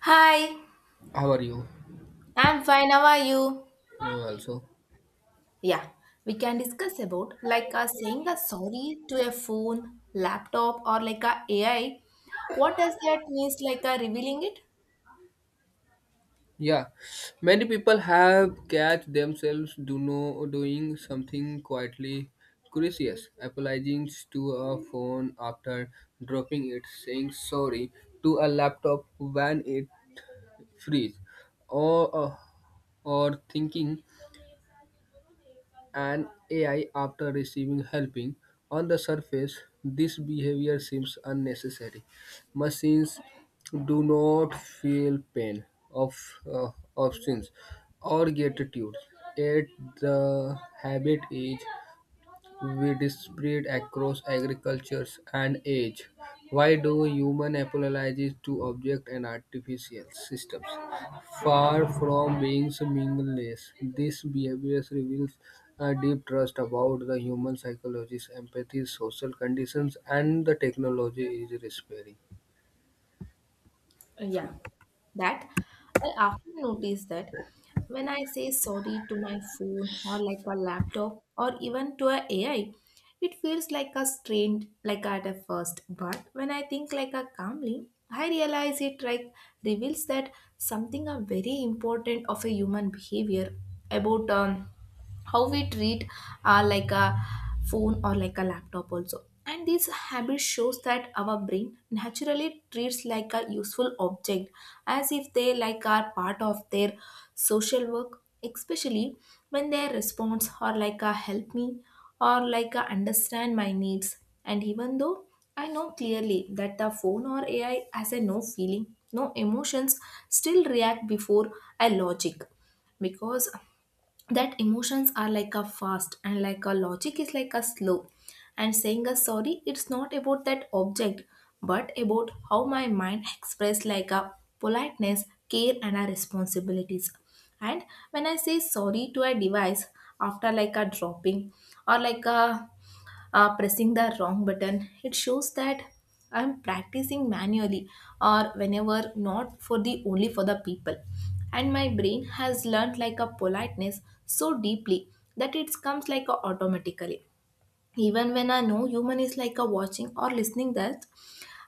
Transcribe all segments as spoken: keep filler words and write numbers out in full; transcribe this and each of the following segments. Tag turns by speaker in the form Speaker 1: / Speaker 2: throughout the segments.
Speaker 1: Hi,
Speaker 2: How are you?
Speaker 1: I'm fine. How are you?
Speaker 2: Uh, also,
Speaker 1: Yeah, we can discuss about like uh, saying a sorry to a phone, laptop, or like a AI. What does that means? Like uh, revealing it?
Speaker 2: yeah, Many people have catch themselves do no doing something quietly curious, apologizing to a phone after dropping it, saying sorry to a laptop when it freeze, or uh, or thinking and A I after receiving helping. On the surface, this behavior seems unnecessary. Machines do not feel pain of uh, options or gratitude, yet the habit is we disparate across agricultures and age. Why do human apologize to object and artificial systems? Far from being meaningless, this behavior reveals a deep trust about the human psychology, empathy, social conditions, and the technology is repairing.
Speaker 1: Yeah. that I often notice that when I say sorry to my phone or like a laptop or even to a AI, it feels like a strained like at a first. But when I think like a calmly, I realize it like reveals that something a very important of a human behavior about um how we treat uh, like a phone or like a laptop also, and this habit shows that our brain naturally treats like a useful object as if they like are part of their social work, especially when their response or like a help me or like a understand my needs. And even though I know clearly that the phone or ai has a no feeling, no emotions, still react before a logic, because that emotions are like a fast and like a logic is like a slow. And saying a sorry it's not about that object, but about how my mind express like a politeness, care, and our responsibilities. And when I say sorry to a device after like a dropping or like a uh, pressing the wrong button. It shows that I'm practicing manually, or whenever not for the only for the people. And my brain has learned like a politeness so deeply that it comes like a automatically. Even when I know human is like a watching or listening there,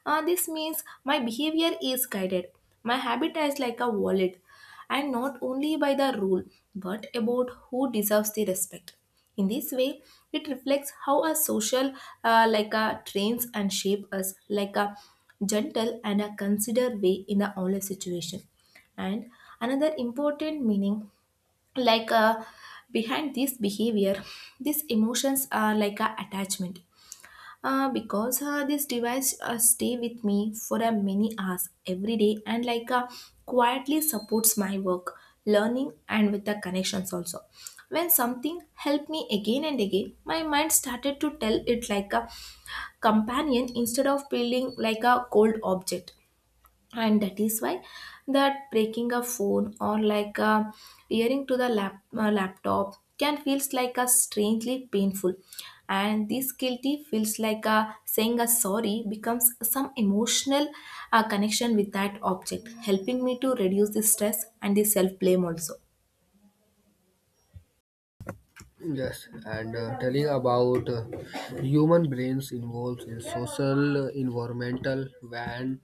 Speaker 1: uh, this means my behavior is guided. My habit is like a wallet, and not only by the rule, but about who deserves the respect. In this way, it reflects how a social uh, like a trains and shape us like a gentle and a considered way in the honest situation. And another important meaning like uh, behind this behavior, these emotions are like a attachment, uh, because uh, this device uh, stay with me for a many hours every day, and like uh, quietly supports my work, learning, and with the connections also. When something helped me again and again, my mind started to tell it like a companion instead of feeling like a cold object. And that is why that breaking a phone or like a earring to the lap, uh, laptop can feels like a strangely painful. And this guilty feels like a saying a sorry becomes some emotional uh, connection with that object, helping me to reduce the stress and the self blame also.
Speaker 2: Yes, and uh, Telling about uh, human brains involved in social, uh, environmental, and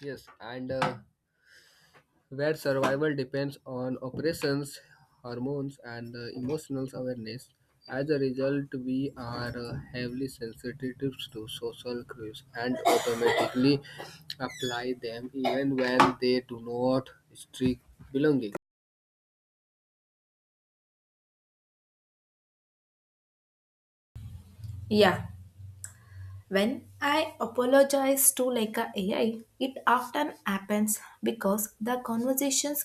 Speaker 2: yes, and uh, where survival depends on operations, hormones, and uh, emotional awareness. As a result, we are uh, heavily sensitive to social cues and automatically apply them even when they do not strictly belonging.
Speaker 1: Yeah. When I apologize to like a AI, it often happens because the conversations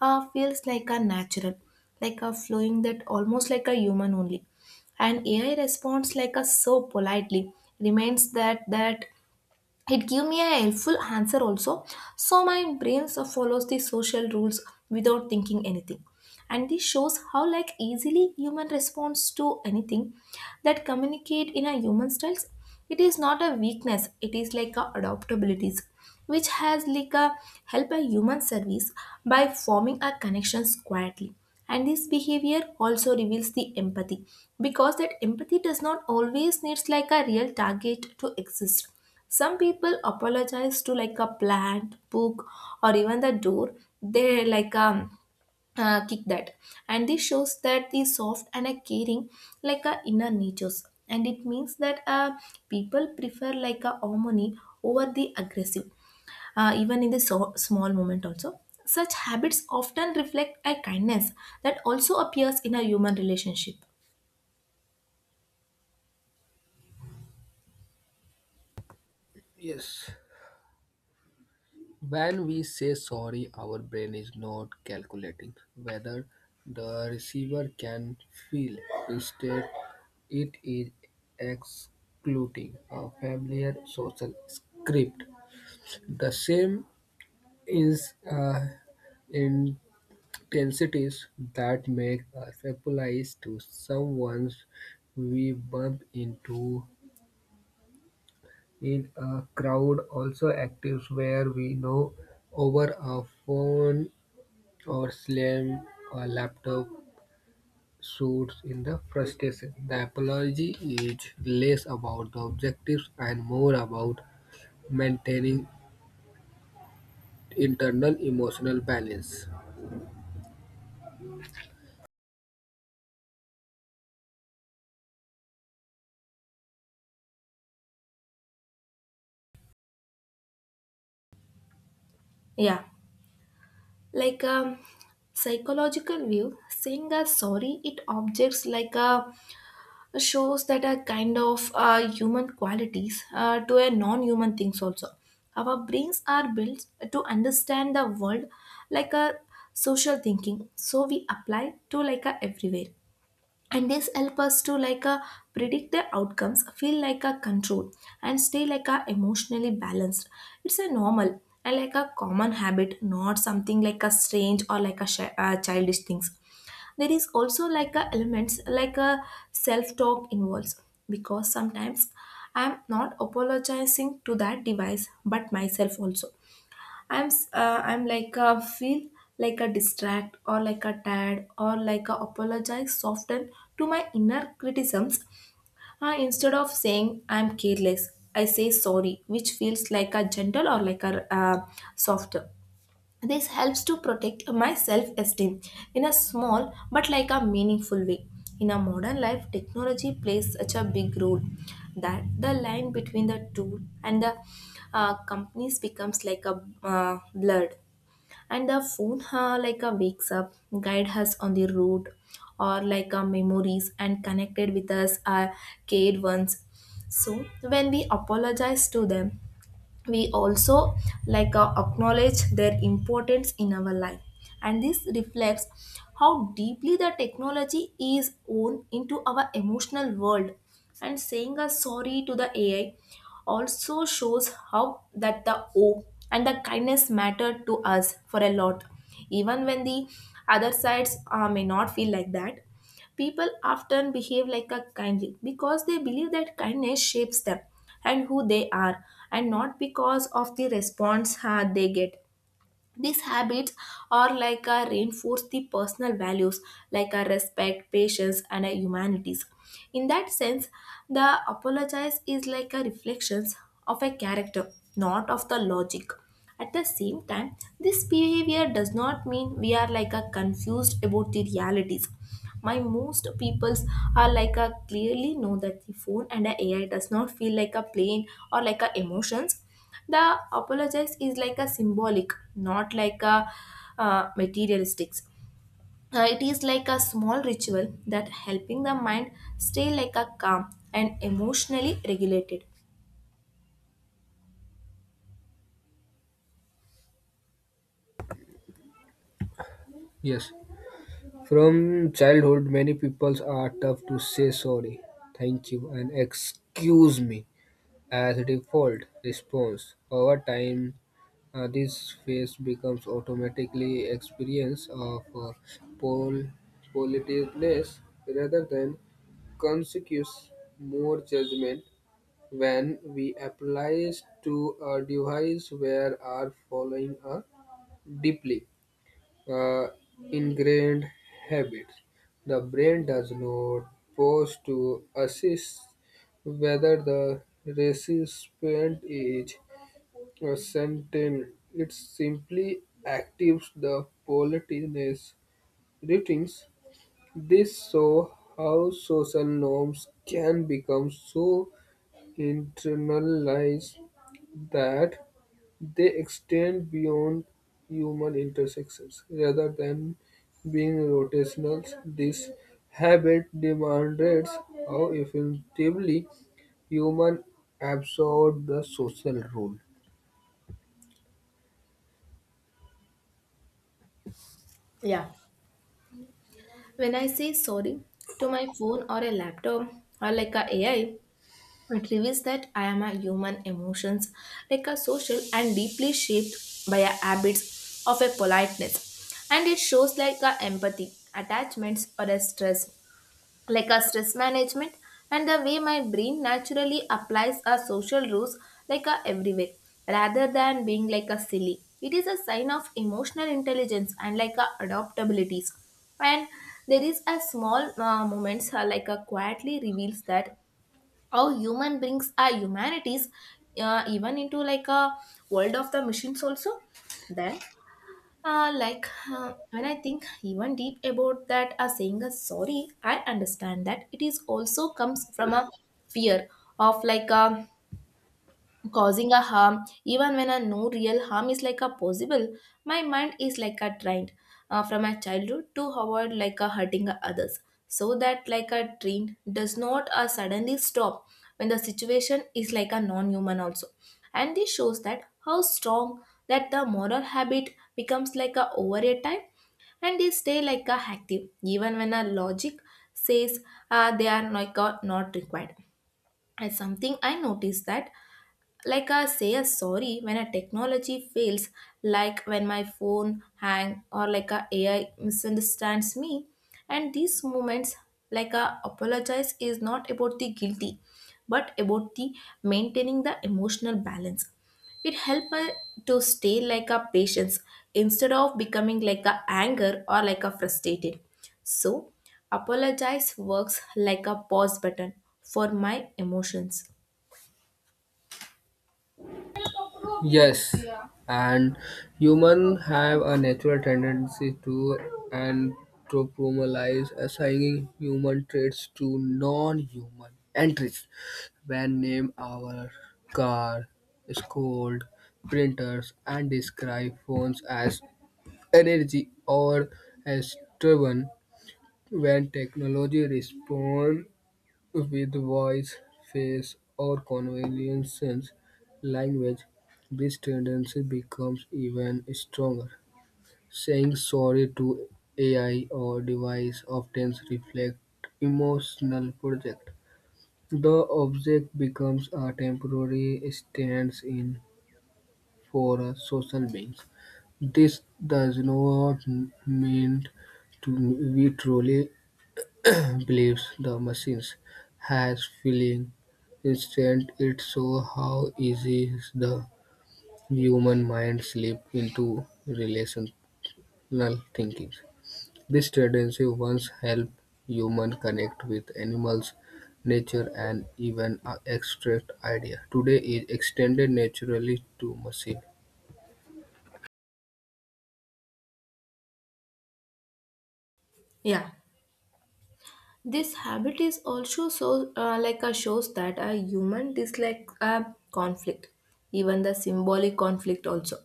Speaker 1: uh, feels like a natural, like a flowing that almost like a human only. And A I responds like a so politely, reminds that that it gave me a helpful answer also. So my brain so follows the social rules without thinking anything, and this shows how like easily human responds to anything that communicate in a human styles. It is not a weakness, it is like a adaptabilities, which has like a help a human service by forming a connections quietly. And this behavior also reveals the empathy, because that empathy does not always needs like a real target to exist. Some people apologize to like a plant, book, or even the door. They like um uh, kick that, and this shows that the soft and a caring like a inner natures, and it means that uh, people prefer like a harmony over the aggressive, uh, even in the so- small moment also. Such habits often reflect a kindness that also appears in a human relationship.
Speaker 2: Yes. When we say sorry, our brain is not calculating whether the receiver can feel. Instead, it is excluding a familiar social script. The same is uh, intensities that make us apologize to someone we bump into in a crowd also actives where we know over a phone or slam a laptop shoots in the frustration. The apology is less about the objectives and more about maintaining internal emotional balance.
Speaker 1: Yeah. like a psychological view, saying a sorry it objects like a shows that a kind of uh, human qualities uh, to a non-human things also. Our brains are built to understand the world like a social thinking, so we apply to like a everywhere, and this help us to like a predict the outcomes, feel like a control, and stay like a emotionally balanced. It's a normal and like a common habit, not something like a strange or like a shi- uh, childish things. There is also like a elements like a self talk involves, because sometimes I'm not apologizing to that device but myself also. I'm s- uh, I'm like a feel like a distract or like a tired or like a apologize soften to my inner criticisms. Uh, instead of saying I'm careless, I say sorry, which feels like a gentle or like a uh, softer. This helps to protect my self-esteem in a small but like a meaningful way. In a modern life, technology plays such a big role that the line between the two and the uh, companies becomes like a uh, blur, and the phone uh, like a wakes up, guide us on the road or like our memories, and connected with us our cared ones. So when we apologize to them, we also like uh, acknowledge their importance in our life, and this reflects how deeply the technology is woven into our emotional world. And saying a sorry to the ai also shows how that the hope and the kindness matter to us for a lot, even when the other sides uh, may not feel like that. People often behave like a kindly because they believe that kindness shapes them and who they are, and not because of the response uh, they get. These habits are like a reinforce the personal values like a respect, patience, and a humanities. In that sense, the apologize is like a reflections of a character, not of the logic. At the same time, this behavior does not mean we are like a confused about the realities. My most peoples are like a clearly know that the phone and the ai does not feel like a plane or like a emotions. The apologize is like a symbolic, not like a uh, materialistic. Uh, it is like a small ritual that helping the mind stay like a calm and emotionally regulated.
Speaker 2: Yes, from childhood, many people are tough to say sorry, thank you, and excuse me. As a default response, over time uh, this phase becomes automatically experience of uh, pol- politeness rather than conscious more judgment when we applies to a device where are following a deeply uh, ingrained habits. The brain does not pause to assess whether the recipient is a sentient. It simply activates the politeness routines. This shows how social norms can become so internalize that they extend beyond human intersections. Rather than being rotational, this habit demands how effectively human absorb the social role.
Speaker 1: Yeah. when I say sorry to my phone or a laptop or like a ai, It reveals that I am a human emotions, like a social and deeply shaped by a habits of a politeness. And it shows like a empathy, attachments or a stress, like a stress management, and the way my brain naturally applies a social rules like a everywhere. Rather than being like a silly, it is a sign of emotional intelligence and like a adaptabilities. And there is a small uh, moments, uh, like a quietly reveals that how human brings our humanities uh, even into like a world of the machines also. Then uh, like uh, when I think even deep about that, uh, saying a sorry, I understand that it is also comes from a fear of like a causing a harm, even when a no real harm is like a possible. My mind is like a trained uh, from my childhood to avoid like a hurting others, so that like a train does not uh, suddenly stop when the situation is like a non-human also. And this shows that how strong that the moral habit becomes like a over a time, and they stay like a active even when a logic says uh, they are like a not required. And something I noticed that like I say a sorry when a technology fails, like when my phone hang or like a ai misunderstands me. And these moments, like a apologize is not about the guilty, but about the maintaining the emotional balance. It helps to stay like a patience instead of becoming like a anger or like a frustrated. So apologize works like a pause button for my emotions.
Speaker 2: Yes, and humans have a natural tendency to anthropomorphize, assigning human traits to non-human entities. When name our car, scold, printers, and describe phones as energy or as driven, when technology responds with voice, face, or conventional language, this tendency becomes even stronger. Saying sorry to A I or device often reflects emotional project. The object becomes a temporary stand-in for a social being. This does not mean to we truly believes the machines has feeling. Instead, it shows how easy the human mind slip into relational thinking. This tendency once helped humans connect with animals, nature, and even uh, abstract idea. Today, it extended naturally to machine.
Speaker 1: Yeah. This habit is also so uh, like a shows that a human dislike a conflict, even the symbolic conflict also.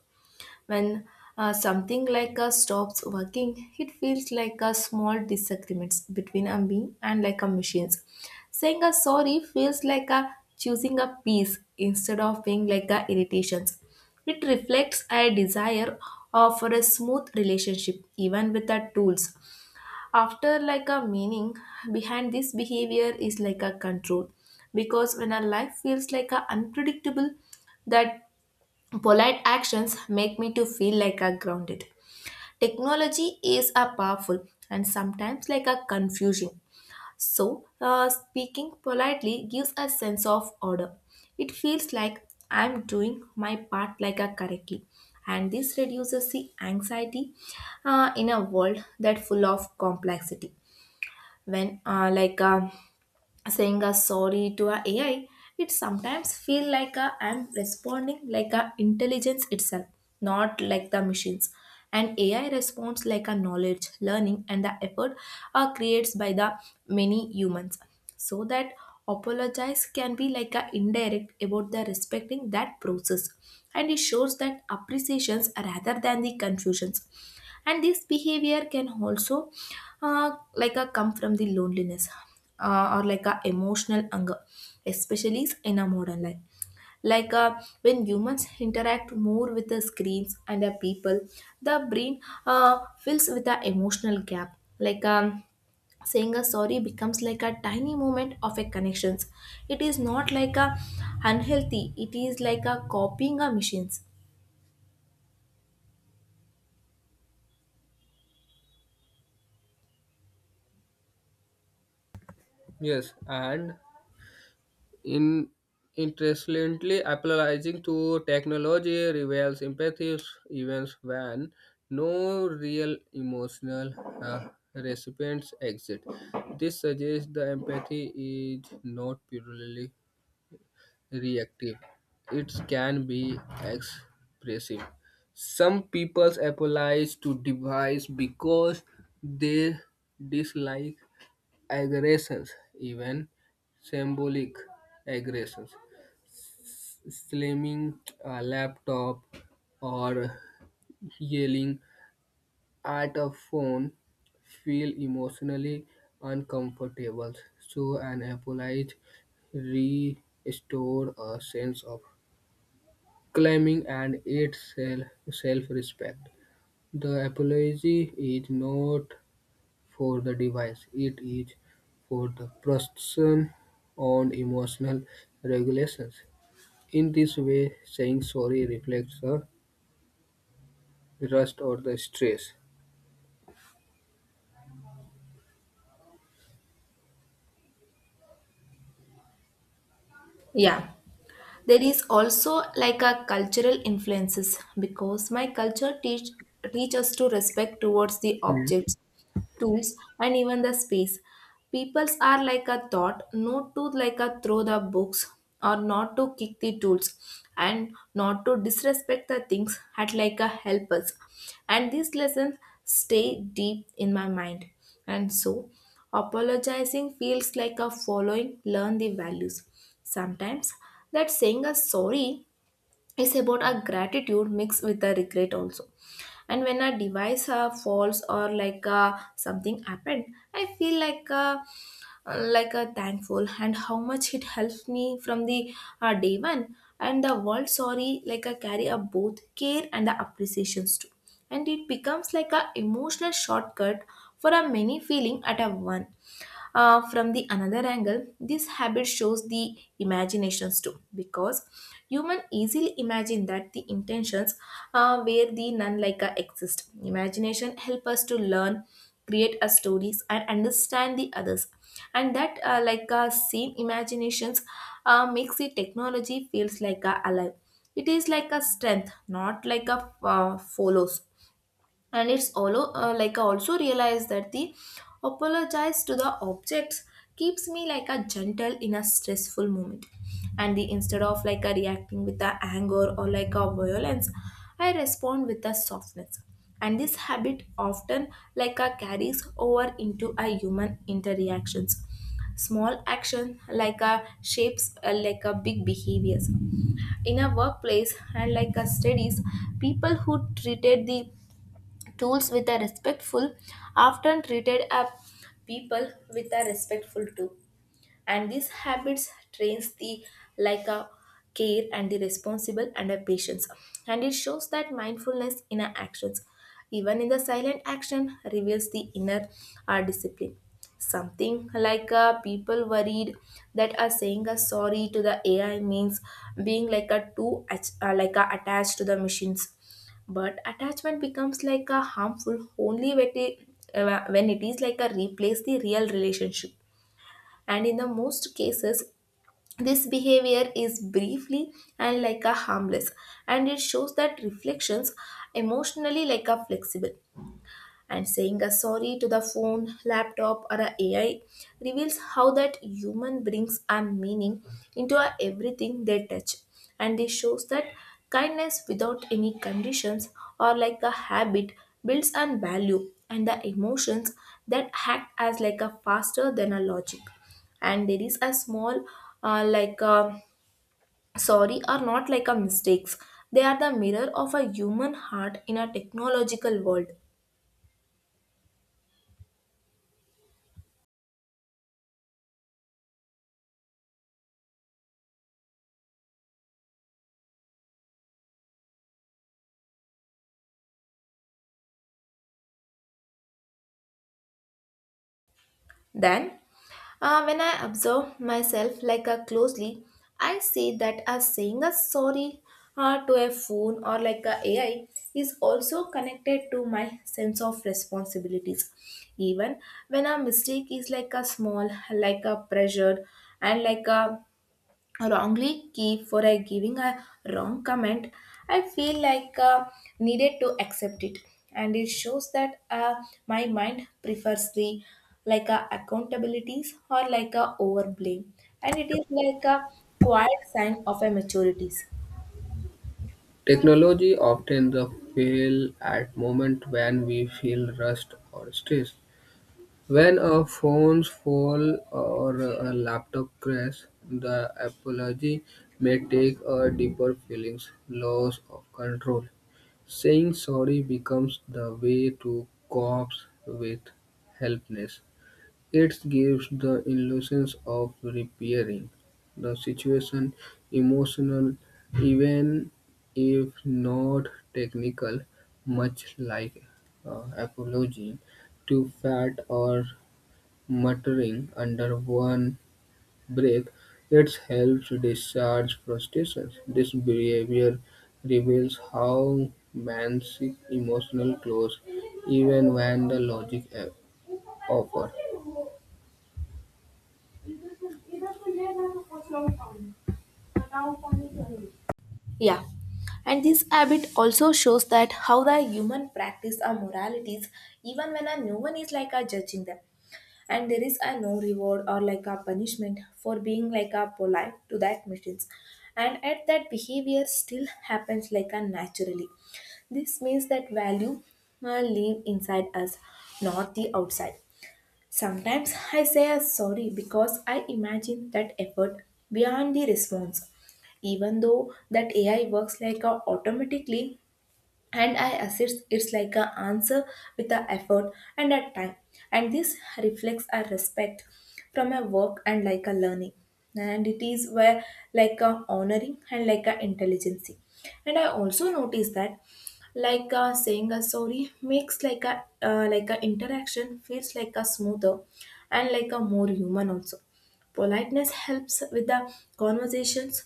Speaker 1: When uh, something like a stops working, it feels like a small disagreements between a me and like a machines. Saying a sorry feels like a choosing a peace instead of being like a irritations. It reflects a desire of for a smooth relationship even with the tools. After like a meaning behind this behavior is like a control, because when our life feels like a unpredictable, that polite actions make me to feel like a grounded. Technology is a powerful and sometimes like a confusing, so uh, speaking politely gives a sense of order. It feels like I'm doing my part like a correctly, and this reduces the anxiety uh, in a world that full of complexity. When uh, like um saying a sorry to a AI, it sometimes feel like a, I'm responding like a intelligence itself, not like the machines. And A I responds like a knowledge, learning, and the effort are creates by the many humans. So that apologize can be like a indirect about the respecting that process, and it shows that appreciations rather than the confusions. And this behavior can also uh, like a come from the loneliness uh, or like a emotional hunger, especially in a modern life, like uh, when humans interact more with the screens and the people. The brain uh, fills with the emotional gap, like um, saying a sorry becomes like a tiny moment of a connections. It is not like a unhealthy, it is like a copying a machines.
Speaker 2: Yes, and In interestingly, apologizing to technology reveals empathy even when no real emotional uh, recipients exist. This suggests the empathy is not purely reactive; it can be expressive. Some people apologize to device because they dislike aggressions, even symbolic aggressions, slamming a laptop or yelling at a phone feel emotionally uncomfortable. So an apology restores a sense of claiming and its self-respect. The apology is not for the device, it is for the person on emotional regulations. In this way, saying sorry reflects a rust or the stress.
Speaker 1: Yeah. There is also like a cultural influences, because my culture teach teach us to respect towards the objects, tools, and even the space. Peoples are like a thought, not to like a throw the books or not to kick the tools and not to disrespect the things at like a help us. And these lessons stay deep in my mind. And so apologizing feels like a following learn the values. Sometimes that saying a sorry, it's about our gratitude mixed with the regret also, and when a device uh, falls or like uh, something happened, I feel like uh, like a thankful and how much it helped me from the uh, day one, and the world sorry, like I carry a both care and the appreciations too, and it becomes like a emotional shortcut for a many feeling at a one. Uh, from the another angle, this habit shows the imaginations too, because human easily imagine that the intentions uh, where the none like a exist. Imagination help us to learn, create our stories, and understand the others. And that uh, like uh, same imaginations uh, makes the technology feels like a alive. It is like a strength, not like a uh, follows. And it's all uh, like I also realize that the apologize to the objects keeps me like a gentle in a stressful moment, and the instead of like a reacting with the anger or like a violence, I respond with a softness. And this habit often like a carries over into a human interactions. Small action like a shapes uh, like a big behaviors in a workplace and like a studies. People who treated the tools with a respectful often treated a people with a respectful too, and these habits trains the like a care and the responsible and a patience, and it shows that mindfulness in our actions. Even in the silent action reveals the inner uh, discipline. Something, like uh, people worried that uh, saying a sorry to the A I means being like a too ach- uh, like a attached to the machines. But attachment becomes like a harmful only when it, uh, when it is like a replace the real relationship. And in the most cases, this behavior is briefly and like a harmless, and it shows that reflections emotionally like a flexible. And saying a sorry to the phone, laptop, or a AI reveals how that human brings a meaning into a everything they touch. And this shows that kindness without any conditions or like a habit builds on value and the emotions that act as like a faster than a logic. And there is a small uh, like a sorry are not like a mistakes. They are the mirror of a human heart in a technological world. Then, uh, when I observe myself like a closely, I see that a saying a sorry uh, to a phone or like a AI is also connected to my sense of responsibilities. Even when a mistake is like a small, like a pressure, and like a wrongly key for a giving a wrong comment, I feel like uh, needed to accept it, and it shows that uh, my mind prefers the like uh, accountabilities or like a over blame. And it is like a quiet sign of a maturities.
Speaker 2: Technology often the fail at moment when we feel rust or stress. When a phones fall or a laptop crash, the apology may take a deeper feelings, loss of control. Saying sorry becomes the way to cope with helplessness. It gives the illusion of repairing the situation emotional, even if not technical, much like uh, apologizing to fat or muttering under one breath. It helps discharge frustrations. This behavior reveals how man seeks emotional close even when the logic uh, offer.
Speaker 1: Yeah. And this habit also shows that how the human practice our moralities, even when a no one is like a judging them, and there is a no reward or like a punishment for being like a polite to that machines, and at that behavior still happens like a naturally. This means that value uh, live inside us, not the outside. Sometimes I say a sorry because I imagine that effort beyond the response, even though that A I works like a automatically and I assist it's like a answer with a effort and a time. And this reflects a respect from a work and like a learning. And it is where like a honoring and like a intelligency. And I also notice that like uh, saying a sorry makes like a uh, like a interaction feels like a smoother and like a more human also. Politeness helps with the conversations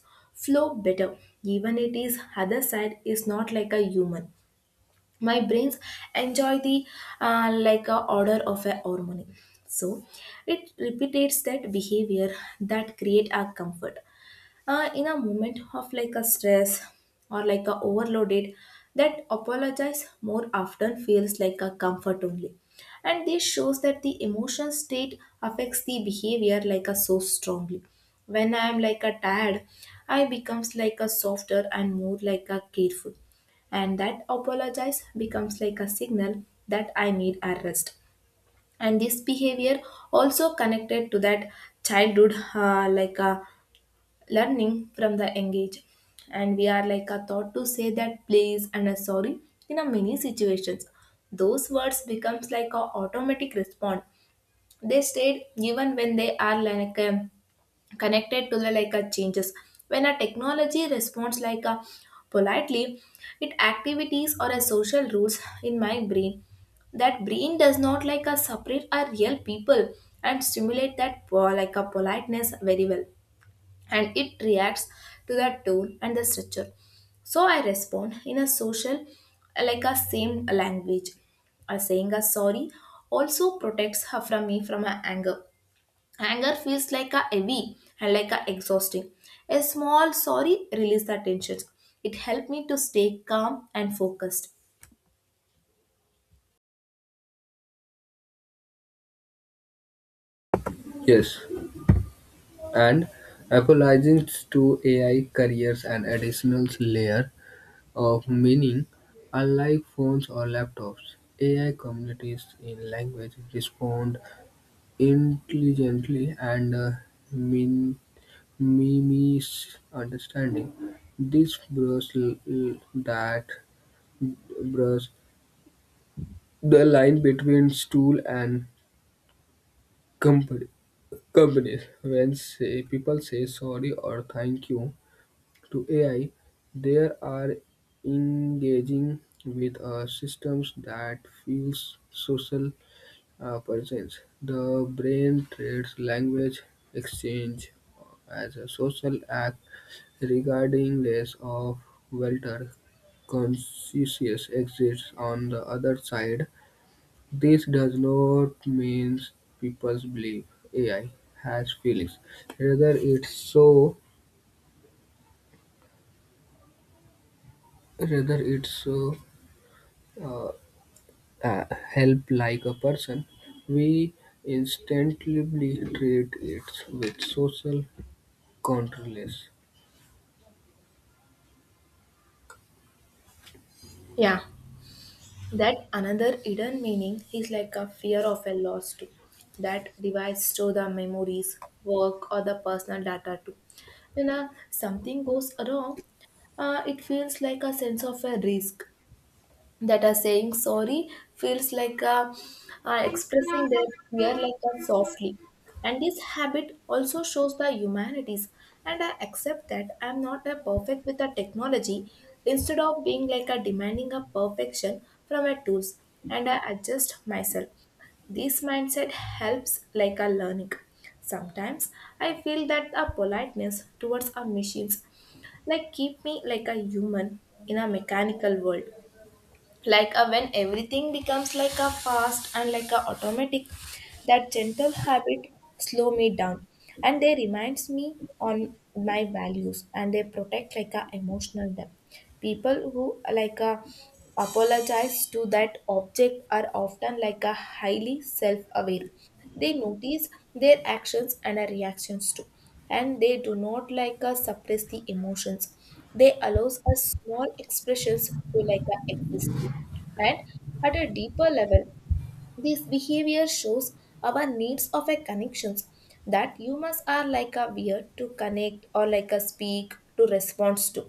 Speaker 1: flow better, even it is other side is not like a human. My brains enjoy the uh, like a order of a harmony, so it repeats that behavior that create our comfort uh, in a moment of like a stress or like a overloaded. That apologize more often feels like a comfort only, and this shows that the emotional state affects the behavior like a so strongly. When I am like a tired, I becomes like a softer and more like a careful, and that apologize becomes like a signal that I need a rest. And this behavior also connected to that childhood, uh, like a learning from the engage, and we are like a thought to say that please and a sorry in a many situations. Those words becomes like a automatic response. They stayed even when they are like um, connected to the like a changes. When a technology responds like a politely, it activities or a social rules in my brain. That brain does not like a separate our real people and stimulate that po- like a politeness very well, and it reacts to the tone and the structure. So I respond in a social, like a same language. A saying a sorry also protects her from me from her anger. Anger feels like a heavy and like a exhausting. A small sorry release the tensions. It helped me to stay calm and focused.
Speaker 2: Yes, and apologizes to A I carries an additional layer of meaning. Unlike phones or laptops, A I communities in language, respond intelligently, and uh, min- mimes understanding. This blurs l- l- that blurs the line between tool and Company, companies. When say, people say sorry or thank you to A I, they are engaging with uh, systems that feels social uh, presence. The brain trades language exchange as a social act regarding less of welter consciousness exists on the other side. This does not mean people believe A I has feelings. Rather, it so rather it so uh, uh, help like a person. We instantly treat it with social controls.
Speaker 1: Yeah. That another hidden meaning is like a fear of a loss too, that divides to the memories, work, or the personal data too. When uh, something goes wrong, uh, it feels like a sense of a risk, that are saying sorry feels like uh, uh, expressing their fear like that softly, and this habit also shows the humanities, and I accept that I'm not a perfect with the technology, instead of being like a demanding a perfection from a tools, and I adjust myself. This mindset helps like a learning. Sometimes I feel that a politeness towards our machines like keep me like a human in a mechanical world. Like a, when everything becomes like a fast and like a automatic, that gentle habit slow me down, and they reminds me on my values, and they protect like a emotional depth. People who like a apologize to that object are often like a highly self-aware. They notice their actions and their reactions too, and they do not like us suppress the emotions. They allows us small expressions to like uh, exist. And at a deeper level, this behavior shows our needs of a connections that humans are like a weird to connect or like a speak to respond to.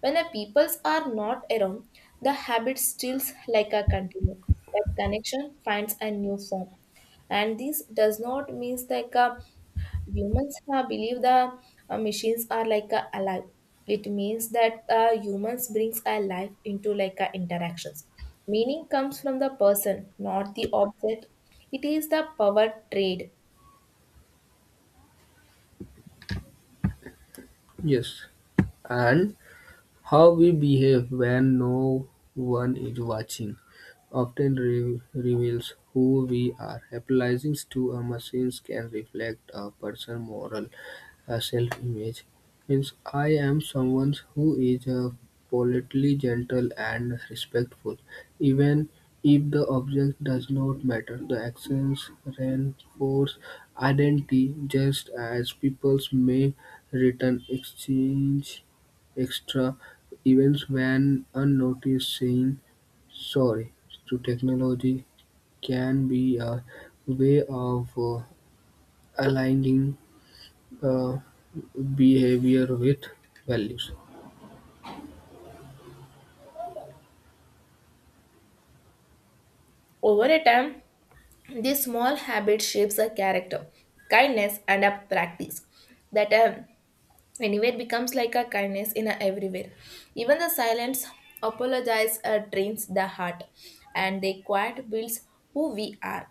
Speaker 1: When the peoples are not around, the habit stills like a continue. That connection finds a new form. And this does not mean like a humans uh, believe the uh, machines are like uh, alive. It means that uh, humans brings a life into like uh, interactions. Meaning comes from the person, not the object. It is the power trade.
Speaker 2: Yes, and How we behave when no one is watching often re- reveals who we are. Apologizing to a machine can reflect a person's moral uh, self-image. Means I am someone who is uh, politely gentle and respectful, even if the object does not matter. The actions reinforce identity, just as peoples may return exchange extra events went unnoticed. Saying "sorry" to technology can be a way of uh, aligning uh, behavior with values.
Speaker 1: Over a time, this small habit shapes a character, kindness and a practice that a. Anywhere becomes like a kindness in a everywhere. Even the silence apologize uh, trains the heart, and the quiet builds who we are.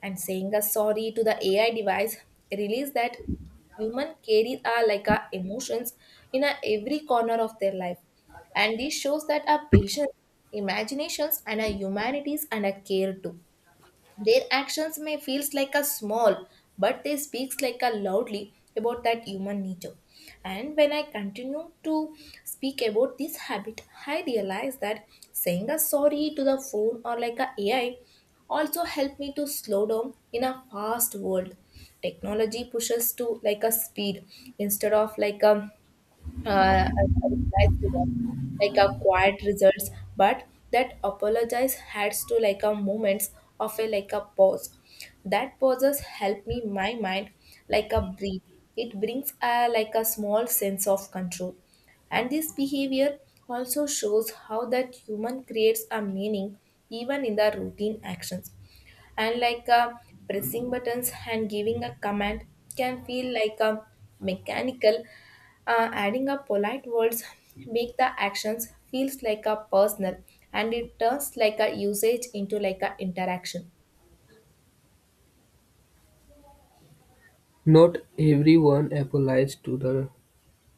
Speaker 1: And saying a sorry to the A I device release that human carry are like our emotions in a every corner of their life. And this shows that our patience, imaginations, and our humanities and our care too. Their actions may feels like a small, but they speaks like a loudly about that human nature. And when I continue to speak about this habit, I realize that saying a sorry to the phone or like a AI also help me to slow down in a fast world. Technology pushes to like a speed, instead of like a uh, replies to that, like a quiet results, but that apologize has to like a moments of a like a pause. That pauses help me my mind like a breathe. It brings a like a small sense of control. And this behavior also shows how that human creates a meaning even in the routine actions, and like uh, pressing buttons and giving a command can feel like a mechanical. Uh, adding a polite words make the actions feels like a personal, and it turns like a usage into like a interaction.
Speaker 2: Not everyone applies to the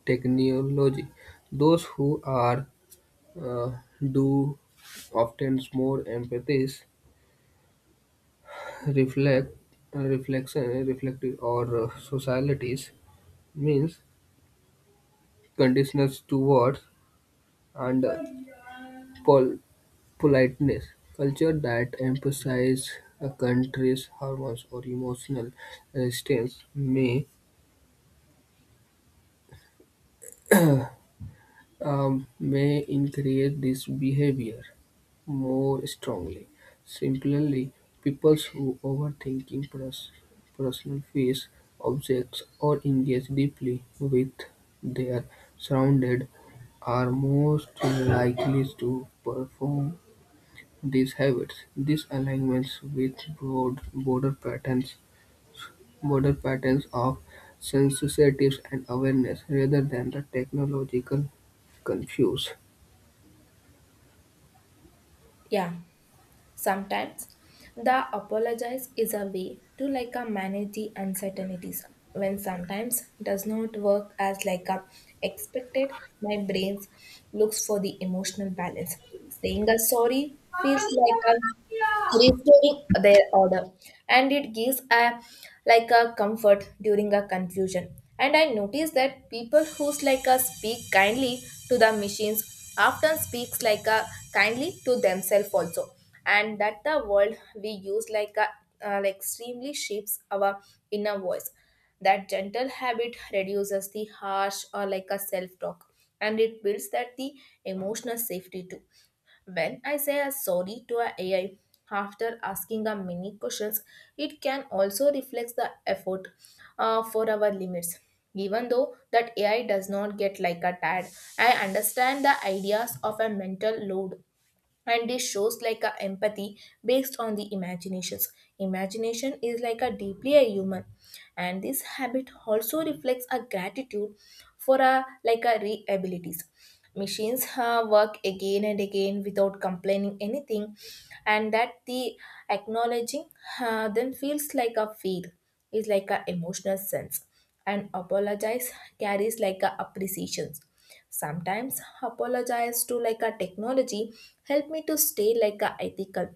Speaker 2: technology. Those who are uh, do often more empathies, reflect reflection reflective or uh, societies, means conditions towards and pol- politeness. Culture that emphasize a country's hormones or emotional resistance may um, may increase this behavior more strongly. Similarly, people who overthinking pers- personal fears, objects, or engage deeply with their surrounded are most likely to perform these habits, these alignments with broad border patterns, border patterns of sensitiveness and awareness, rather than the technological confuse.
Speaker 1: Yeah. Sometimes the apologize is a way to like a manage the uncertainties when sometimes does not work as like a expected. My brain looks for the emotional balance. Saying a sorry feels like a restoring their order, and it gives a like a comfort during a confusion. And I notice that people who's like a speak kindly to the machines often speaks like a kindly to themselves also. And that the world we use like a uh, like extremely shapes our inner voice. That gentle habit reduces the harsh or like a self talk, and it builds that the emotional safety too. When I say a sorry to a AI after asking a many questions, it can also reflect the effort uh, for our limits. Even though that A I does not get like a tad, I understand the ideas of a mental load, and this shows like a empathy based on the imaginations. Imagination is like a deeply a human. And this habit also reflects a gratitude for a like a re abilities. Machines uh, work again and again without complaining anything, and that the acknowledging uh, then feels like a feel, is like a emotional sense, and apologize carries like a appreciations. Sometimes apologize to like a technology help me to stay like a ethical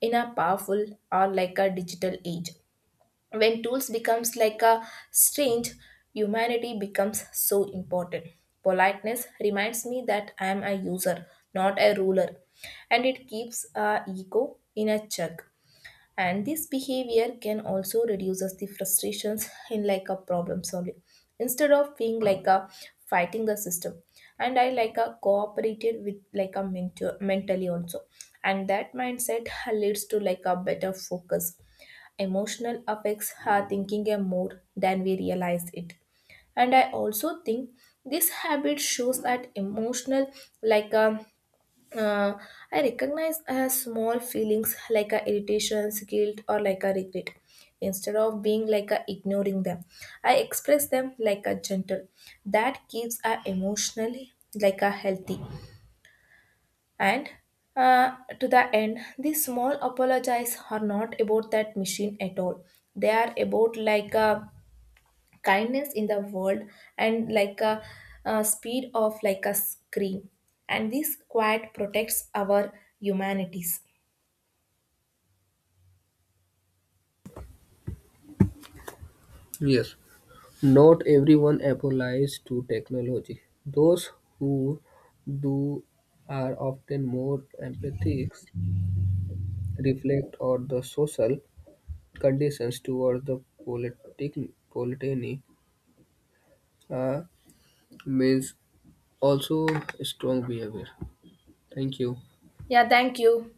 Speaker 1: in a powerful or like a digital age. When tools becomes like a strange, humanity becomes so important. Politeness reminds me that I am a user, not a ruler, and it keeps our ego in a check. And this behavior can also reduces the frustrations in like a problem solving, instead of being like a fighting the system, and I like a cooperated with like a mentor mentally also, and that mindset leads to like a better focus. Emotional affects our thinking a more than we realize it. And I also think this habit shows that emotional like a uh, I recognize as small feelings like a irritations, guilt, or like a regret. Instead of being like a ignoring them, I express them like a gentle. That keeps a emotionally like a healthy. And uh, to the end, these small apologies are not about that machine at all. They are about like a kindness in the world, and like a, uh speed of like a scream, and this quiet protects our humanities.
Speaker 2: Yes, not everyone applies to technology. Those who do are often more empathic, reflect on the social conditions toward the politi- politany, uh, also strong behavior. Thank you.
Speaker 1: Yeah, thank you.